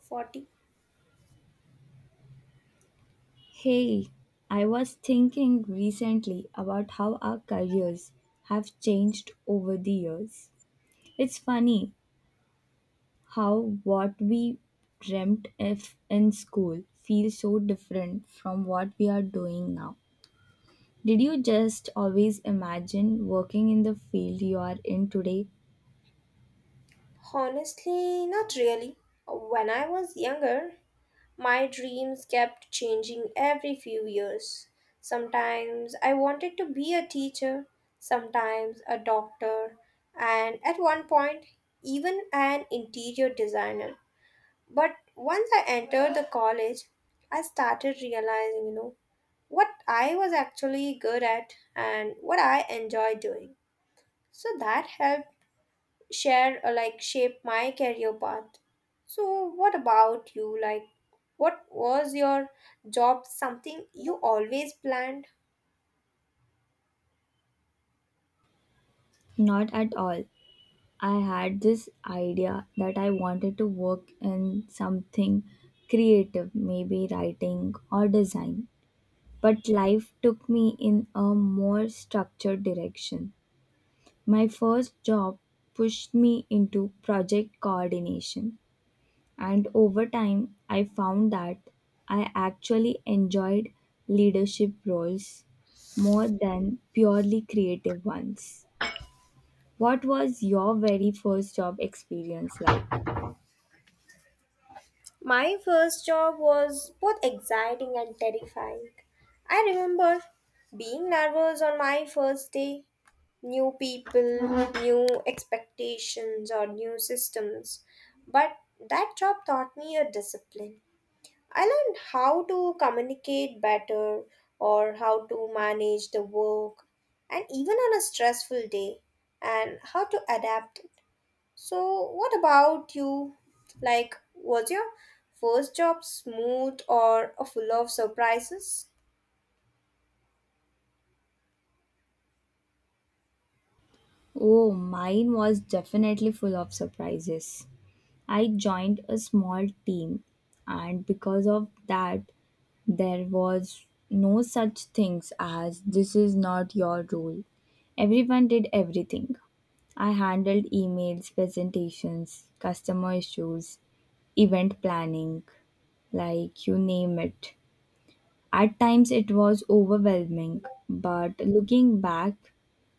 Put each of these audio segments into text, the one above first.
40? Hey, I was thinking recently about how our careers have changed over the years. It's funny how what we dreamt of in school feels so different from what we are doing now. Did you just always imagine working in the field you are in today? Honestly, not really. When I was younger, my dreams kept changing every few years. Sometimes I wanted to be a teacher, sometimes a doctor, and at one point, even an interior designer. But once I entered the college, I started realizing, what I was actually good at and what I enjoy doing. So that helped share like shape my career path. So what about you, like, what was your job, something you always planned? Not at all. I had this idea that I wanted to work in something creative, maybe writing or design, but life took me in a more structured direction. My first job pushed me into project coordination, and over time, I found that I actually enjoyed leadership roles more than purely creative ones. What was your very first job experience like? My first job was both exciting and terrifying. I remember being nervous on my first day. New people, new expectations, or new systems. But that job taught me a discipline. I learned how to communicate better or how to manage the work and even on a stressful day, and how to adapt it. So, what about you? Like, was your first job smooth or full of surprises? Oh, mine was definitely full of surprises. I joined a small team, and because of that, there was no such things as this is not your role. Everyone did everything. I handled emails, presentations, customer issues, event planning, like you name it. At times it was overwhelming, but looking back,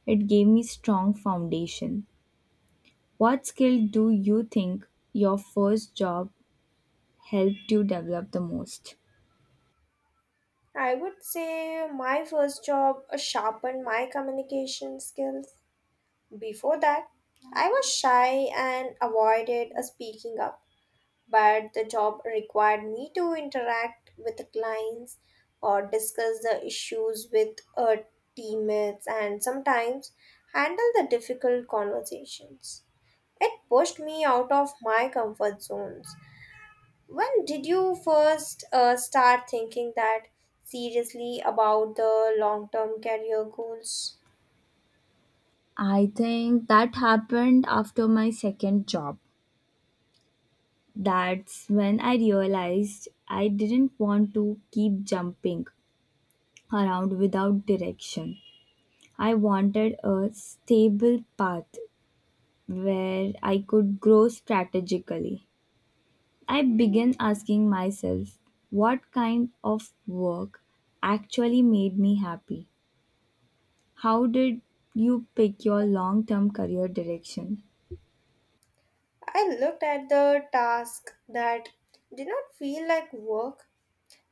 it gave me strong foundation. What skill do you think your first job helped you develop the most? I would say my first job sharpened my communication skills. Before that, I was shy and avoided speaking up. But the job required me to interact with the clients or discuss the issues with teammates, and sometimes handle the difficult conversations. It pushed me out of my comfort zones. When did you first start thinking that seriously about the long term career goals? I think that happened after my second job. That's when I realized I didn't want to keep jumping around without direction. I wanted a stable path where I could grow strategically. I began asking myself what kind of work actually made me happy. How did you pick your long term career direction? I looked at the task that did not feel like work.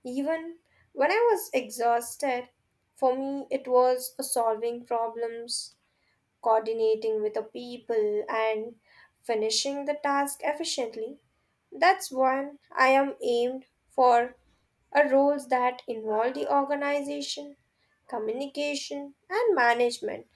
Even when I was exhausted, for me it was solving problems, coordinating with the people, and finishing the task efficiently. That's one I am aimed for, a roles that involve the organization, communication, and management.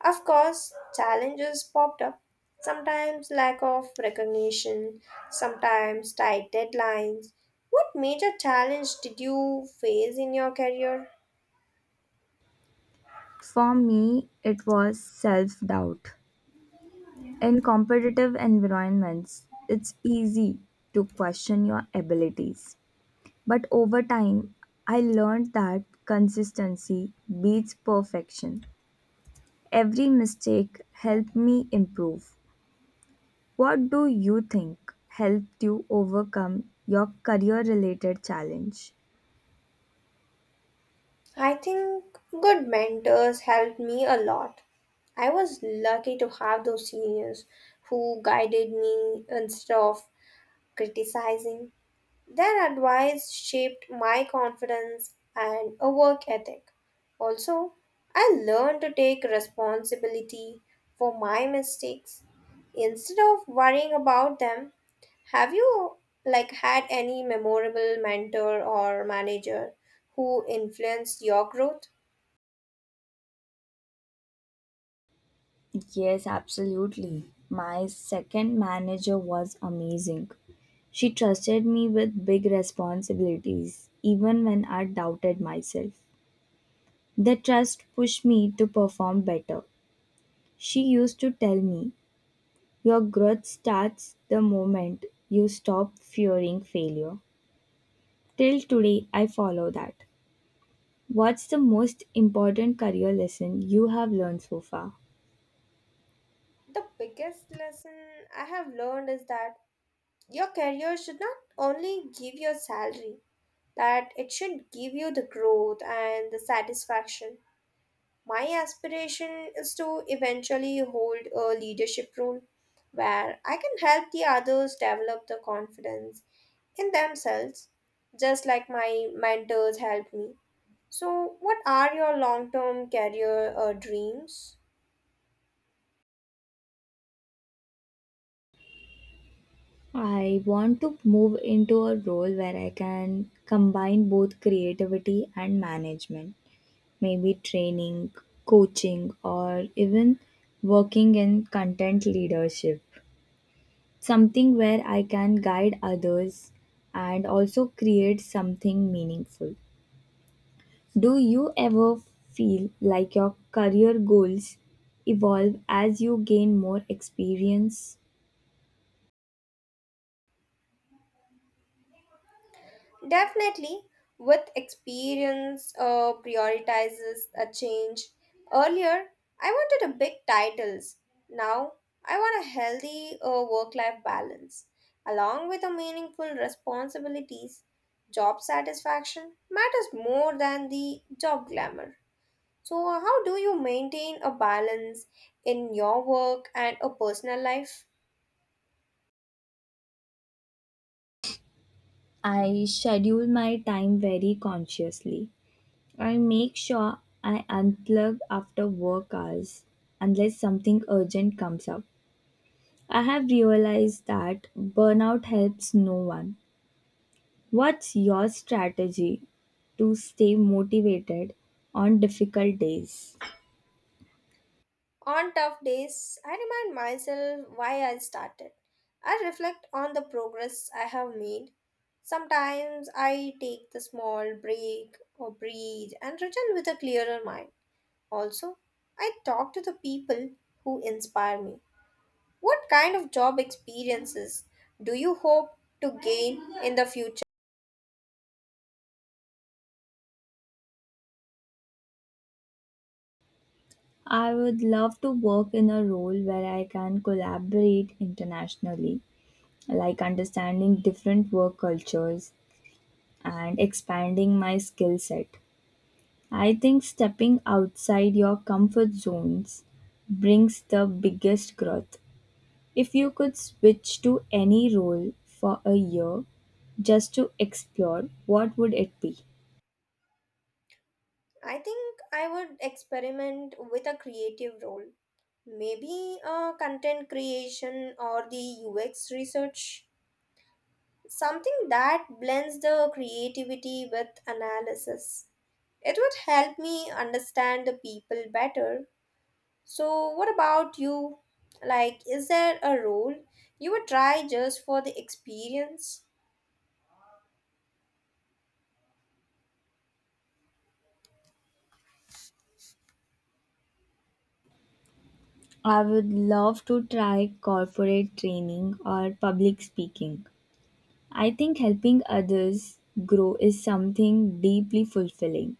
Of course, challenges popped up. Sometimes lack of recognition, sometimes tight deadlines. What major challenge did you face in your career? For me, it was self doubt. In competitive environments, it's easy to question your abilities. But over time, I learned that consistency beats perfection. Every mistake helped me improve. What do you think helped you overcome your career related challenge? I think good mentors helped me a lot. I was lucky to have those seniors who guided me instead of criticizing. Their advice shaped my confidence and a work ethic. Also, I learned to take responsibility for my mistakes instead of worrying about them. Have you had any memorable mentor or manager who influenced your growth? Yes, absolutely. My second manager was amazing. She trusted me with big responsibilities, even when I doubted myself. The trust pushed me to perform better. She used to tell me, "Your growth starts the moment you stop fearing failure." Till today, I follow that. What's the most important career lesson you have learned so far? The biggest lesson I have learned is that your career should not only give your salary, that it should give you the growth and the satisfaction. My aspiration is to eventually hold a leadership role where I can help the others develop the confidence in themselves, just like my mentors helped me. So, what are your long term career dreams? I want to move into a role where I can combine both creativity and management, maybe training, coaching, or even working in content leadership. Something where I can guide others and also create something meaningful. Do you ever feel like your career goals evolve as you gain more experience? Definitely, with experience, prioritizes a change. Earlier, I wanted a big titles. Now, I want a healthy work-life balance, along with a meaningful responsibilities. Job satisfaction matters more than the job glamour. So, how do you maintain a balance in your work and a personal life? I schedule my time very consciously. I make sure I unplug after work hours unless something urgent comes up. I have realized that burnout helps no one. What's your strategy to stay motivated on difficult days? On tough days, I remind myself why I started. I reflect on the progress I have made. Sometimes I take the small break or breathe and return with a clearer mind. Also, I talk to the people who inspire me. What kind of job experiences do you hope to gain in the future? I would love to work in a role where I can collaborate internationally, like understanding different work cultures and expanding my skill set. I think stepping outside your comfort zones brings the biggest growth. If you could switch to any role for a year just to explore, what would it be? I think I would experiment with a creative role. Maybe content creation or the UX research. Something that blends the creativity with analysis. It would help me understand the people better. So, what about you? Like, is there a role you would try just for the experience? I would love to try corporate training or public speaking. I think helping others grow is something deeply fulfilling,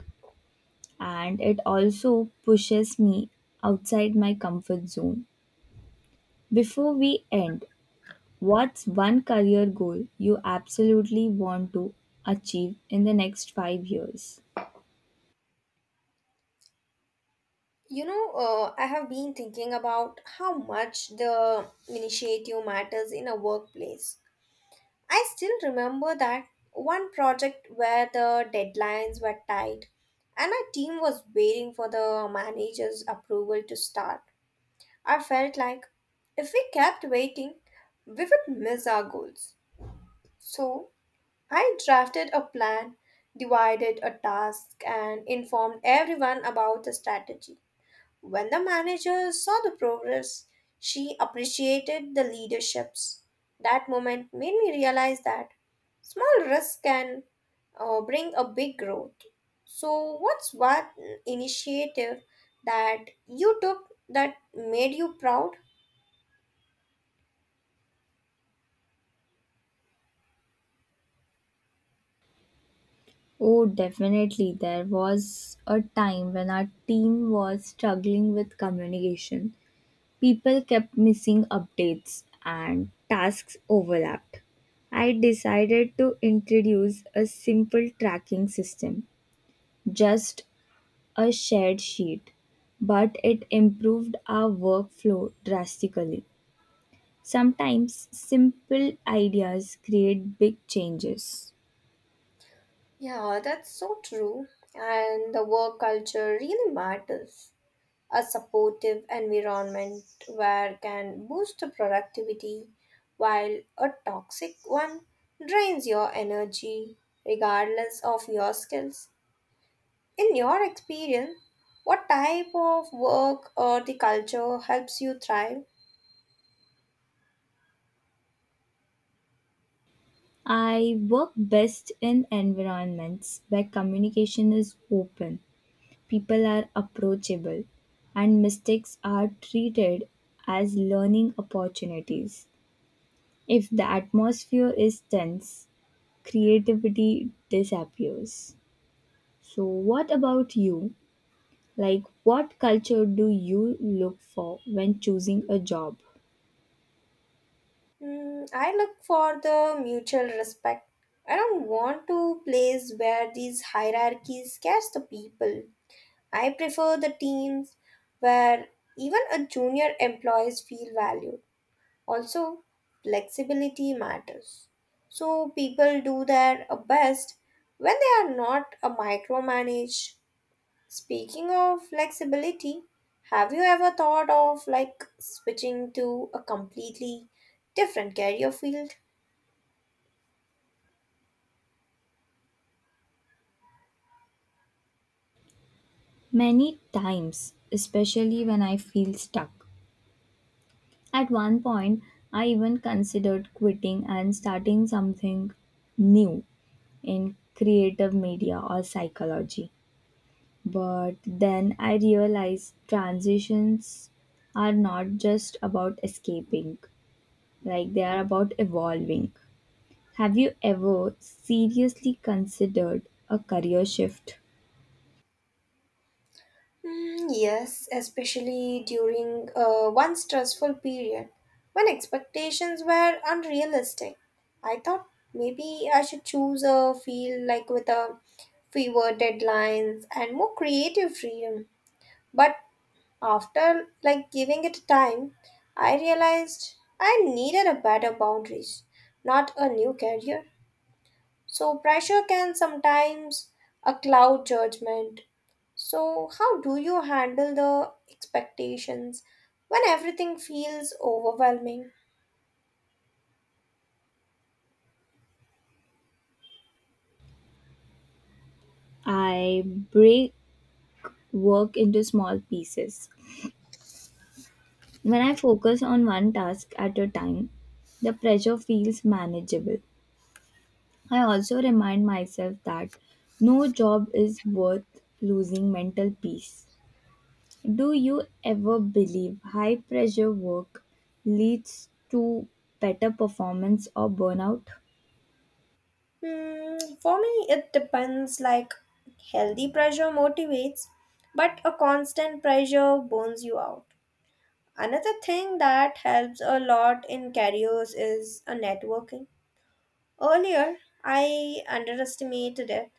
and it also pushes me outside my comfort zone. Before we end, what's one career goal you absolutely want to achieve in the next 5 years? I have been thinking about how much the initiative matters in a workplace. I still remember that one project where the deadlines were tight and our team was waiting for the manager's approval to start. I felt like if we kept waiting, we would miss our goals. So I drafted a plan, divided a task, and informed everyone about the strategy. When the manager saw the progress, she appreciated the leaderships. That moment made me realize that small risks can bring a big growth. So, what's one initiative that you took that made you proud? Oh, definitely. There was a time when our team was struggling with communication. People kept missing updates and tasks overlapped. I decided to introduce a simple tracking system, just a shared sheet, but it improved our workflow drastically. Sometimes simple ideas create big changes. Yeah, that's so true. And the work culture really matters. A supportive environment where can boost the productivity, while a toxic one drains your energy regardless of your skills. In your experience, what type of work or the culture helps you thrive? I work best in environments where communication is open, people are approachable, and mistakes are treated as learning opportunities. If the atmosphere is tense, creativity disappears. So, what about you? Like, what culture do you look for when choosing a job? Hmm, I look for the mutual respect. I don't want to place where these hierarchies scares the people. I prefer the teams where even a junior employees feel valued. Also, flexibility matters. So people do their best when they are not a micromanage. Speaking of flexibility, have you ever thought of switching to a completely different career field? Many times, especially when I feel stuck. At one point, I even considered quitting and starting something new in creative media or psychology. But then I realized transitions are not just about escaping, like they are about evolving. Have you ever seriously considered a career shift? Mm, yes, especially during one stressful period when expectations were unrealistic. I thought maybe I should choose a field like with a fewer deadlines and more creative freedom. But after giving it time, I realized I needed a better boundaries, not a new career. So, pressure can sometimes a cloud judgment. So, how do you handle the expectations when everything feels overwhelming? I break work into small pieces. When I focus on one task at a time, the pressure feels manageable. I also remind myself that no job is worth losing mental peace. Do you ever believe high pressure work leads to better performance or burnout? Hmm, for me, it depends. Like, healthy pressure motivates, but a constant pressure burns you out. Another thing that helps a lot in careers is a networking. Earlier, I underestimated it.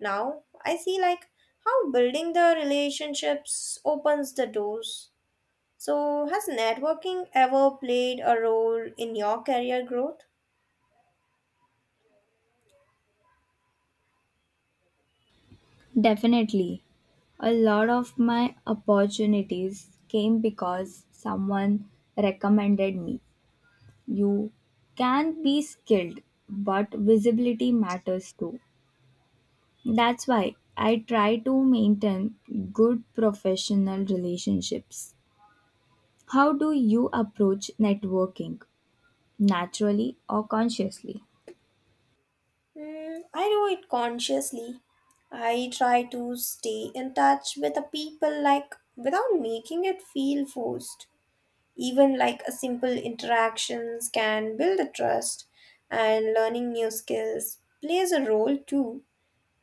Now, I see how building the relationships opens the doors. So, has networking ever played a role in your career growth? Definitely. A lot of my opportunities came because someone recommended me. You can be skilled, but visibility matters too. That's why I try to maintain good professional relationships. How do you approach networking? Naturally or consciously? Hmm, I do it consciously. I try to stay in touch with the people without making it feel forced. Even like a simple interactions can build a trust, and learning new skills plays a role too.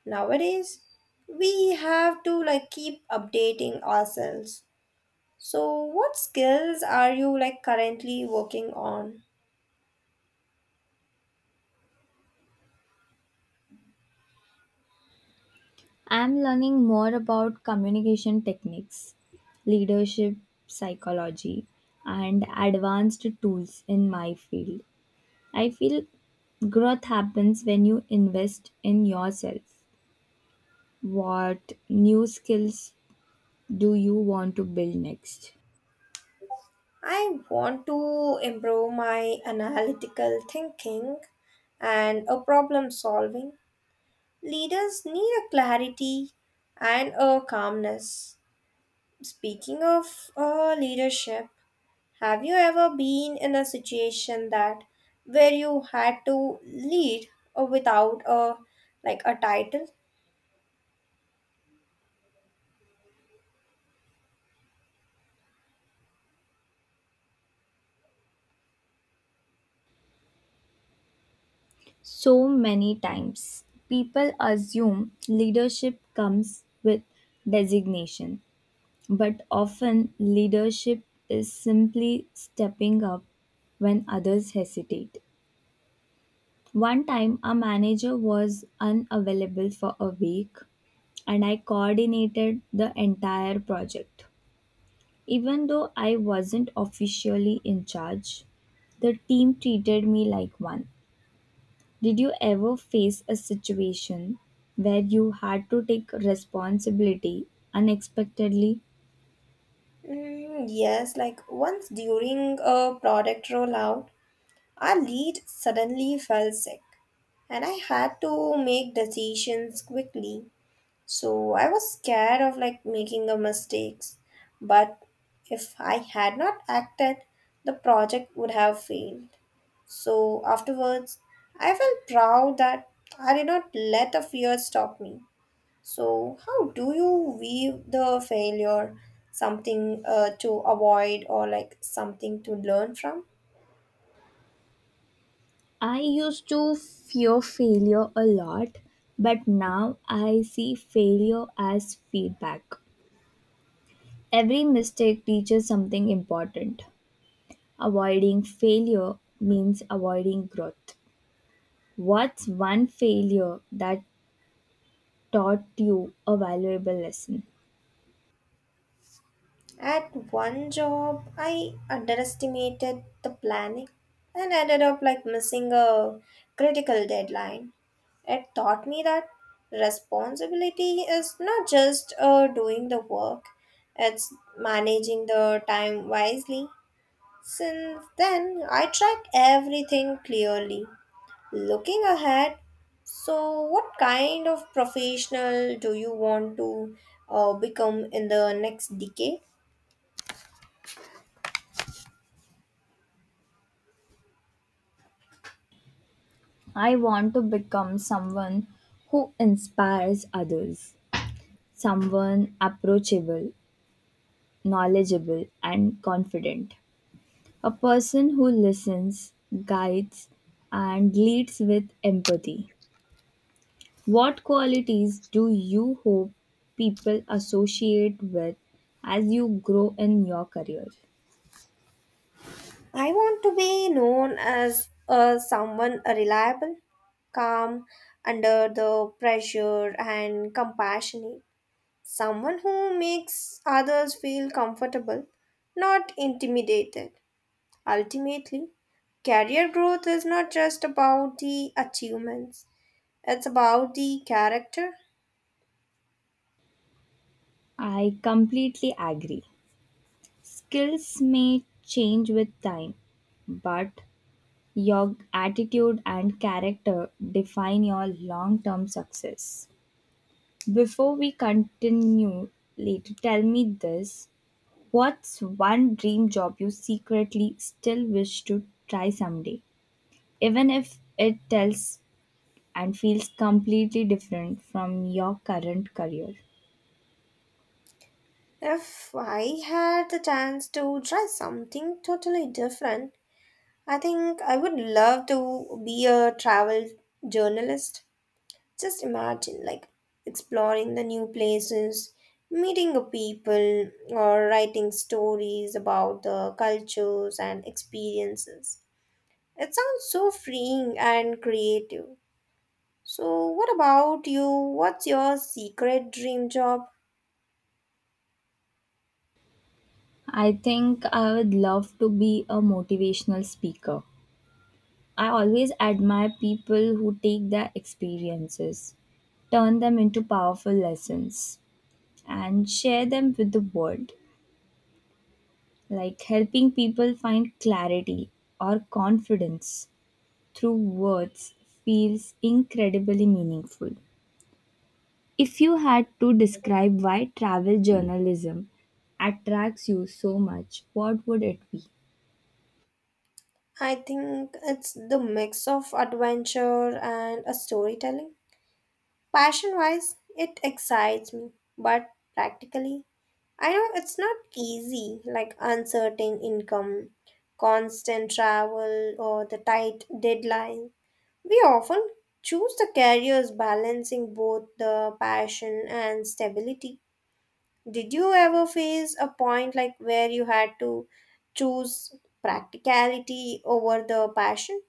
Nowadays, we have to keep updating ourselves. So, what skills are you currently working on? I'm learning more about communication techniques, leadership psychology, and advanced tools in my field. I feel growth happens when you invest in yourself. What new skills do you want to build next? I want to improve my analytical thinking and a problem solving. Leaders need a clarity and a calmness. Speaking of leadership, have you ever been in a situation that where you had to lead without a a title? So many times, people assume leadership comes with designation, but often leadership is simply stepping up when others hesitate. One time, a manager was unavailable for a week, and I coordinated the entire project. Even though I wasn't officially in charge, the team treated me like one. Did you ever face a situation where you had to take responsibility unexpectedly? Mm, yes, once during a product rollout, our lead suddenly fell sick and I had to make decisions quickly. So I was scared of making a mistakes, but if I had not acted, the project would have failed. So afterwards, I felt proud that I did not let the fear stop me. So, how do you view the failure? Something to avoid, or something to learn from? I used to fear failure a lot, but now I see failure as feedback. Every mistake teaches something important. Avoiding failure means avoiding growth. What's one failure that taught you a valuable lesson? At one job, I underestimated the planning and ended up missing a critical deadline. It taught me that responsibility is not just doing the work, it's managing the time wisely. Since then, I track everything clearly. Looking ahead, so what kind of professional do you want to become in the next decade? I want to become someone who inspires others, someone approachable, knowledgeable, and confident, a person who listens, guides, and leads with empathy. What qualities do you hope people associate with as you grow in your career? I want to be known as someone reliable, calm under the pressure, and compassionate. Someone who makes others feel comfortable, not intimidated. Ultimately, career growth is not just about the achievements, it's about the character. I completely agree. Skills may change with time, but your attitude and character define your long term success. Before we continue later, tell me this: what's one dream job you secretly still wish to try someday? Even if it tells and feels completely different from your current career. If I had the chance to try something totally different, I think I would love to be a travel journalist. Just imagine, like, exploring the new places, meeting the people, or writing stories about the cultures and experiences. It sounds so freeing and creative. So, what about you? What's your secret dream job? I think I would love to be a motivational speaker. I always admire people who take their experiences, turn them into powerful lessons, and share them with the world, like helping people find clarity or confidence through words feels incredibly meaningful. If you had to describe why travel journalism attracts you so much, what would it be? I think it's the mix of adventure and a storytelling. Passion wise, it excites me, but practically, I know it's not easy, like uncertain income, constant travel, or the tight deadline. We often choose the careers balancing both the passion and stability. Did you ever face a point where you had to choose practicality over the passion?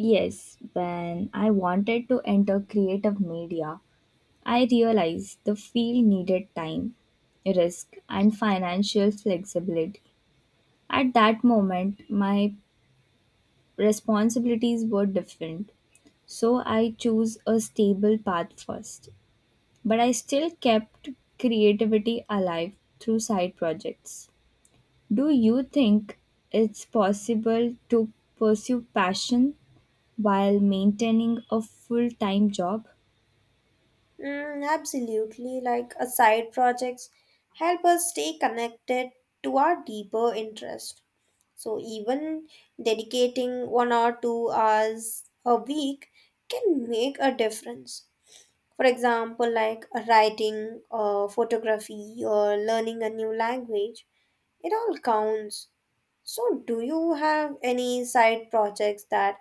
Yes, when I wanted to enter creative media, I realized the field needed time, risk, and financial flexibility. At that moment, my responsibilities were different, so I chose a stable path first. But I still kept creativity alive through side projects. Do you think it's possible to pursue passion while maintaining a full time job? Mm, absolutely, like a side projects help us stay connected to our deeper interest. So even dedicating one or two hours a week can make a difference. For example, writing or photography or learning a new language, it all counts. So do you have any side projects that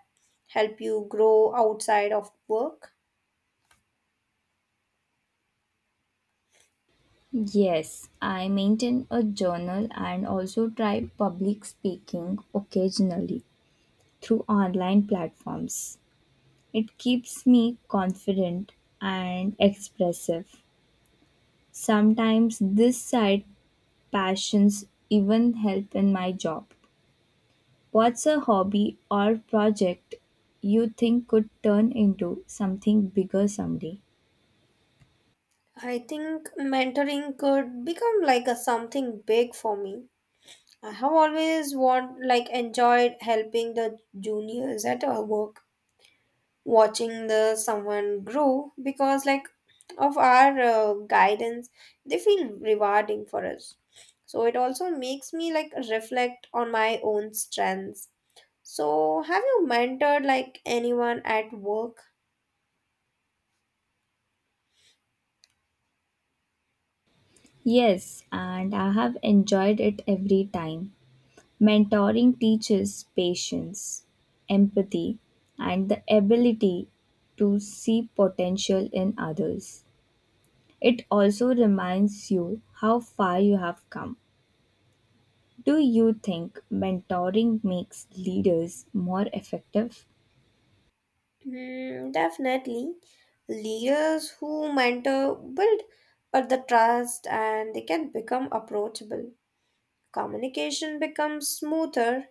help you grow outside of work? Yes, I maintain a journal and also try public speaking occasionally through online platforms. It keeps me confident and expressive. Sometimes this side passions even help in my job. What's a hobby or project you think could turn into something bigger someday? I think mentoring could become a something big for me. I have always want like enjoyed helping the juniors at our work, watching the someone grow because of our guidance, they feel rewarding for us. So it also makes me reflect on my own strengths. So have you mentored anyone at work? Yes, and I have enjoyed it every time. Mentoring teaches patience, empathy, and the ability to see potential in others. It also reminds you how far you have come. Do you think mentoring makes leaders more effective? Hmm, definitely. Leaders who mentor build the trust and they can become approachable. Communication becomes smoother.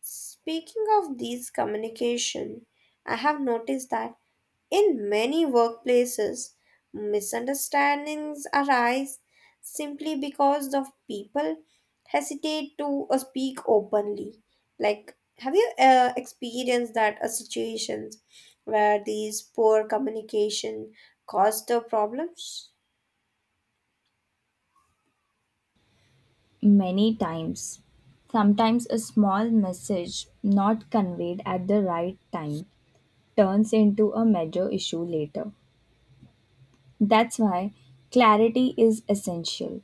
Speaking of these communication, I have noticed that. In many workplaces, misunderstandings arise simply because the people hesitate to speak openly. Like, have you experienced that situations where these poor communication caused the problems? Many times. Sometimes a small message not conveyed at the right time turns into a major issue later. That's why clarity is essential.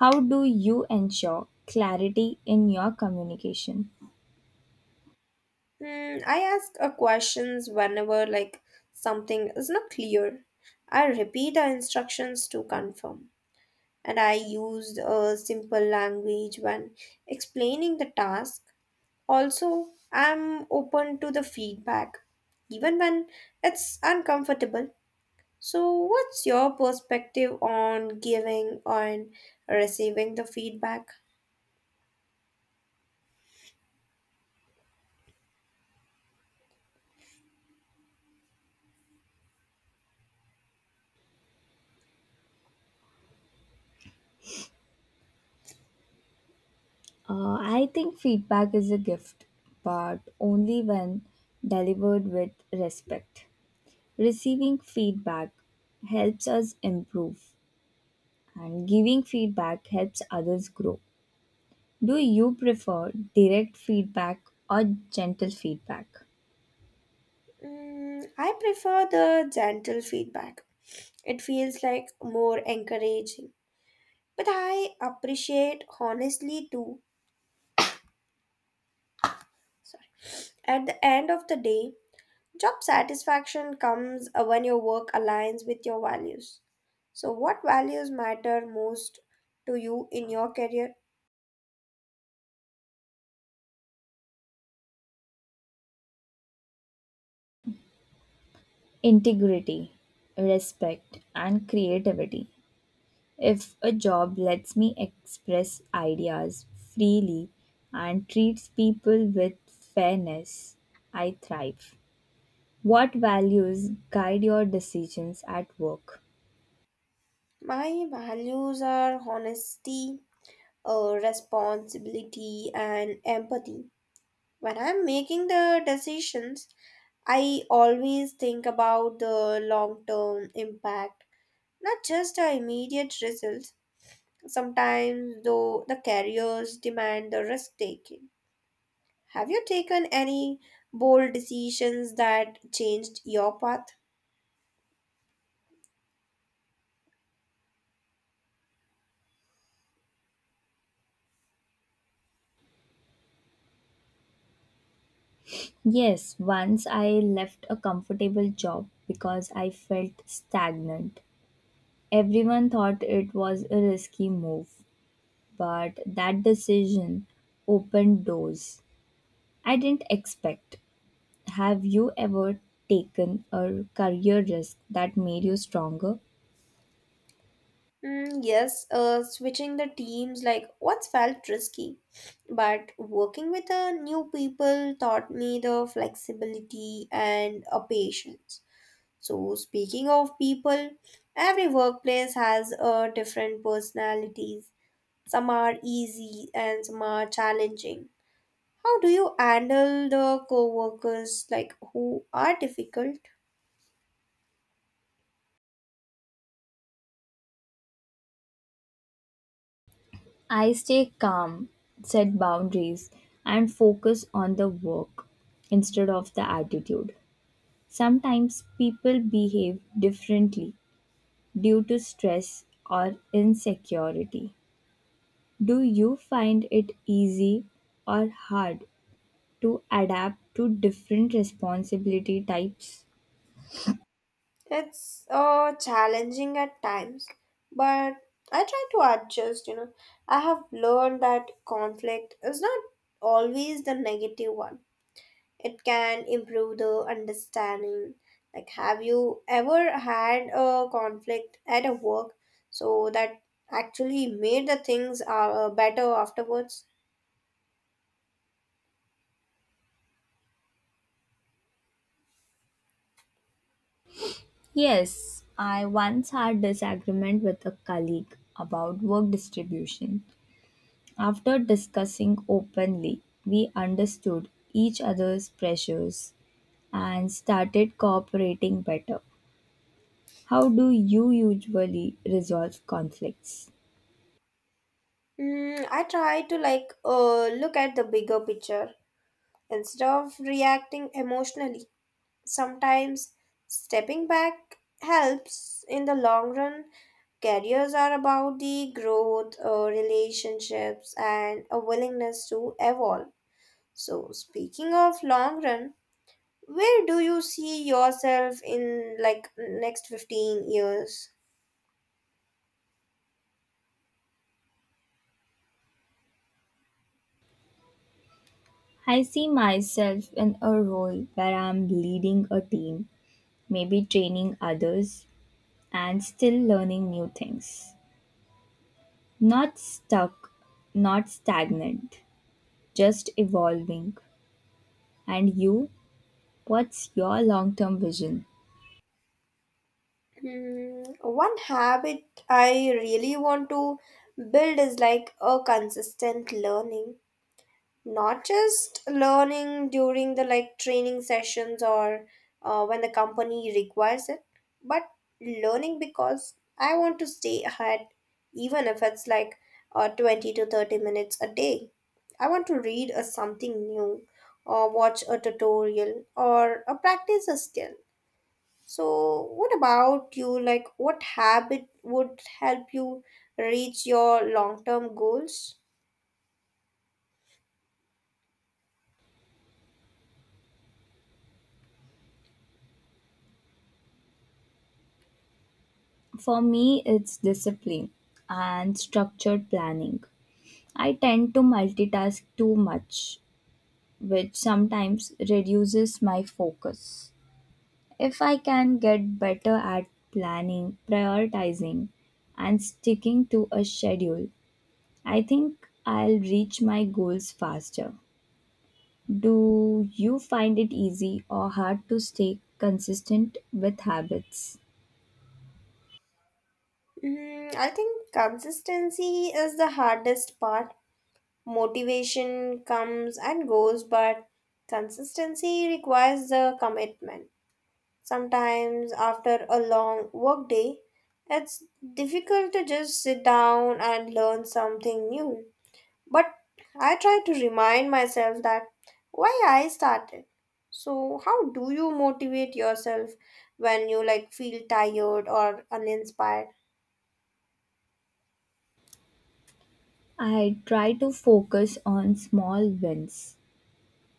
How do you ensure clarity in your communication? Hmm, I ask questions whenever something is not clear. I repeat the instructions to confirm, and I used a simple language when explaining the task. Also, I'm open to the feedback, even when it's uncomfortable. So, what's your perspective on giving and receiving the feedback? I think feedback is a gift, but only when delivered with respect. Receiving feedback helps us improve, and giving feedback helps others grow. Do you prefer direct feedback or gentle feedback? Mm, I prefer the gentle feedback. It feels like more encouraging. But I appreciate honestly too. Sorry. At the end of the day, job satisfaction comes when your work aligns with your values. So, what values matter most to you in your career? Integrity, respect, and creativity. If a job lets me express ideas freely and treats people with fairness, I thrive. What values guide your decisions at work? My values are honesty, responsibility, and empathy. When I'm making the decisions, I always think about the long term impact, not just the immediate results. Sometimes, though, the careers demand the risk taking. Have you taken any bold decisions that changed your path? Yes, once I left a comfortable job because I felt stagnant. Everyone thought it was a risky move, but that decision opened doors I didn't expect. Have you ever taken a career risk that made you stronger? Yes, switching the teams like once felt risky, but working with new people taught me the flexibility and a patience. So, speaking of people, every workplace has different personalities. Some are easy and some are challenging. How do you handle the co workers like who are difficult? I stay calm, set boundaries, and focus on the work instead of the attitude. Sometimes people behave differently due to stress or insecurity. Do you find it easy or hard to adapt to different responsibility types? It's challenging at times, but I try to adjust. I have learned that conflict is not always the negative one. It can improve the understanding. Like, have you ever had a conflict at a work so that actually made the things better afterwards? Yes, I once had disagreement with a colleague about work distribution. After discussing openly, we understood each other's pressures and started cooperating better. How do you usually resolve conflicts? I try to like look at the bigger picture instead of reacting emotionally. Sometimes stepping back helps in the long run. Careers are about the growth, relationships, and a willingness to evolve. So, speaking of long run, where do you see yourself in like next 15 years? I see myself in a role where I'm leading a team, maybe training others, and still learning new things. Not stuck, not stagnant, just evolving. And you, what's your long term vision? One habit I really want to build is like a consistent learning. Not just learning during the like training sessions or when the company requires it, but learning because I want to stay ahead, even if it's like 20 to 30 minutes a day. I want to read a something new or watch a tutorial or practice a skill. So what about you, like what habit would help you reach your long-term goals? For me, it's discipline and structured planning. I tend to multitask too much, which sometimes reduces my focus. If I can get better at planning, prioritizing, and sticking to a schedule, I think I'll reach my goals faster. Do you find it easy or hard to stay consistent with habits? I think consistency is the hardest part. Motivation comes and goes, but consistency requires the commitment. Sometimes, after a long work day, it's difficult to just sit down and learn something new. But I try to remind myself that why I started. So, how do you motivate yourself when you like feel tired or uninspired? I try to focus on small wins.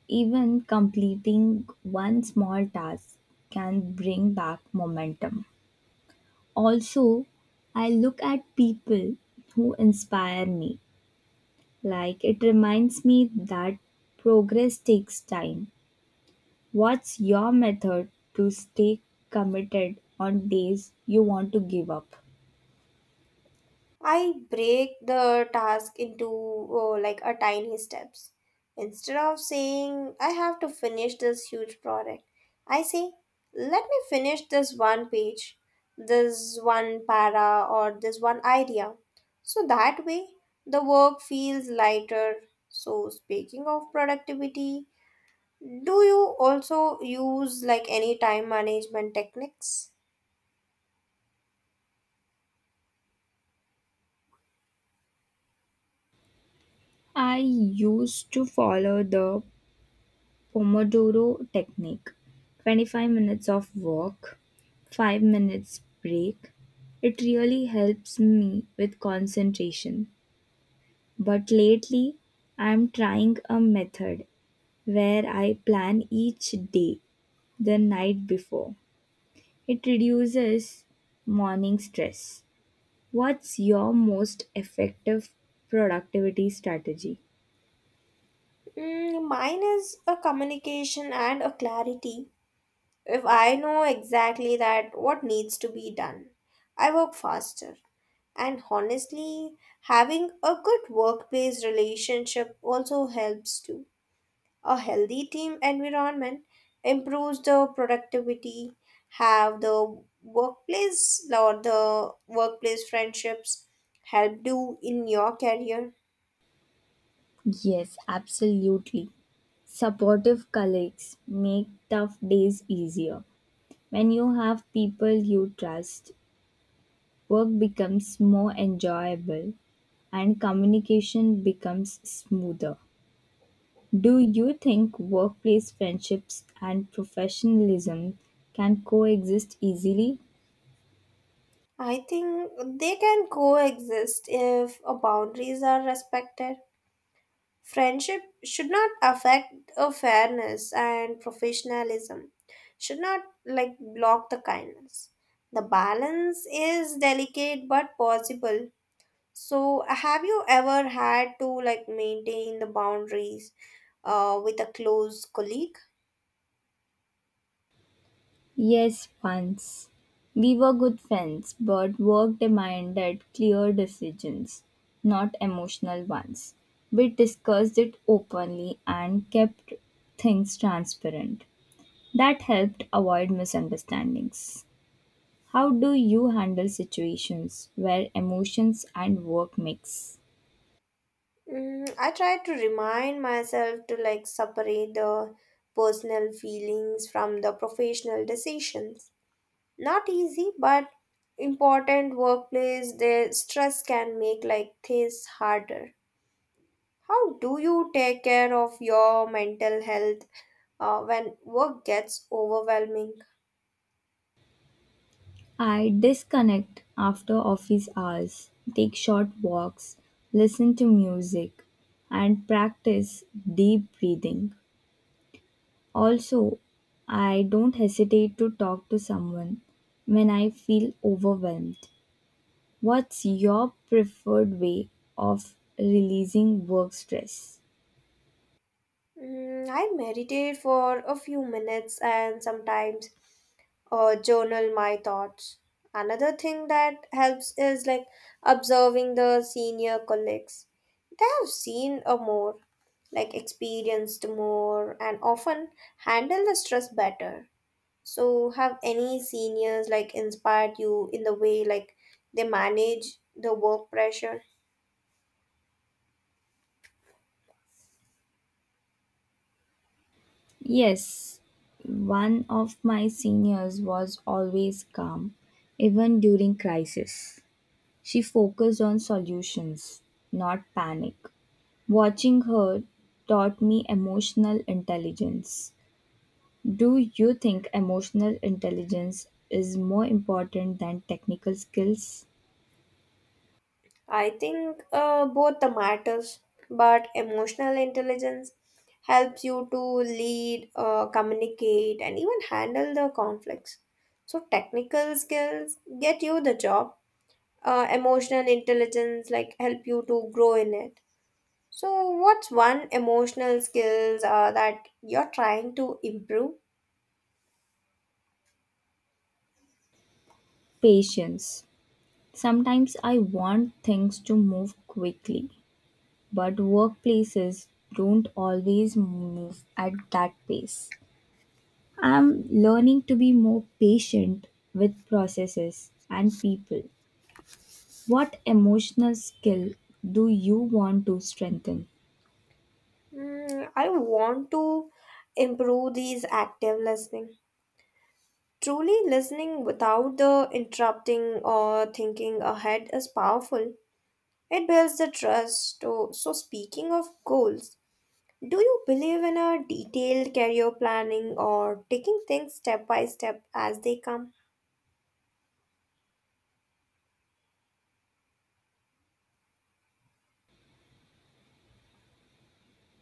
Even completing one small task can bring back momentum. Also, I look at people who inspire me. Like it reminds me that progress takes time. What's your method to stay committed on days you want to give up? I break the task into like a tiny steps. Instead of saying I have to finish this huge project, I say let me finish this one page, this one para or this one idea. So that way the work feels lighter. So speaking of productivity, do you also use like any time management techniques? I used to follow the Pomodoro technique: 25 minutes of work, 5 minutes break. It really helps me with concentration. But lately, I'm trying a method where I plan each day the night before. It reduces morning stress. What's your most effective productivity strategy? Mine is a communication and a clarity. If I know exactly that what needs to be done, I work faster. And honestly, having a good workplace relationship also helps too. A healthy team environment improves the productivity, have the workplace or the workplace friendships help you in your career. Yes, absolutely. Supportive colleagues make tough days easier. When you have people you trust, work becomes more enjoyable and communication becomes smoother. Do you think workplace friendships and professionalism can coexist easily? I think they can coexist if boundaries are respected. Friendship should not affect a fairness and professionalism, should not like block the kindness. The balance is delicate but possible. So, have you ever had to like maintain the boundaries with a close colleague? Yes, once. We were good friends, but work demanded clear decisions, not emotional ones. We discussed it openly and kept things transparent. That helped avoid misunderstandings. How do you handle situations where emotions and work mix? I try to remind myself to like separate the personal feelings from the professional decisions. Not easy but important. Workplace the stress can make like things harder. How do you take care of your mental health when work gets overwhelming? I disconnect after office hours, take short walks, listen to music, and practice deep breathing. Also, I don't hesitate to talk to someone when I feel overwhelmed. What's your preferred way of releasing work stress? I meditate for a few minutes and sometimes or journal my thoughts. Another thing that helps is like observing the senior colleagues. They have seen a more, like experienced more, and often handle the stress better. So, have any seniors like inspired you in the way like they manage the work pressure? Yes, one of my seniors was always calm, even during crisis. She focused on solutions, not panic. Watching her taught me emotional intelligence. Do you think emotional intelligence is more important than technical skills? I think both the matters, but emotional intelligence helps you to lead, communicate, and even handle the conflicts. So technical skills get you the job. Emotional intelligence like help you to grow in it. So what's one emotional skills that you're trying to improve? Patience. Sometimes I want things to move quickly, but workplaces don't always move at that pace. I'm learning to be more patient with processes and people. What emotional skill do you want to strengthen? I want to improve these active listening. Truly listening without the interrupting or thinking ahead is powerful. It builds the trust. So speaking of goals, do you believe in a detailed career planning or taking things step by step as they come?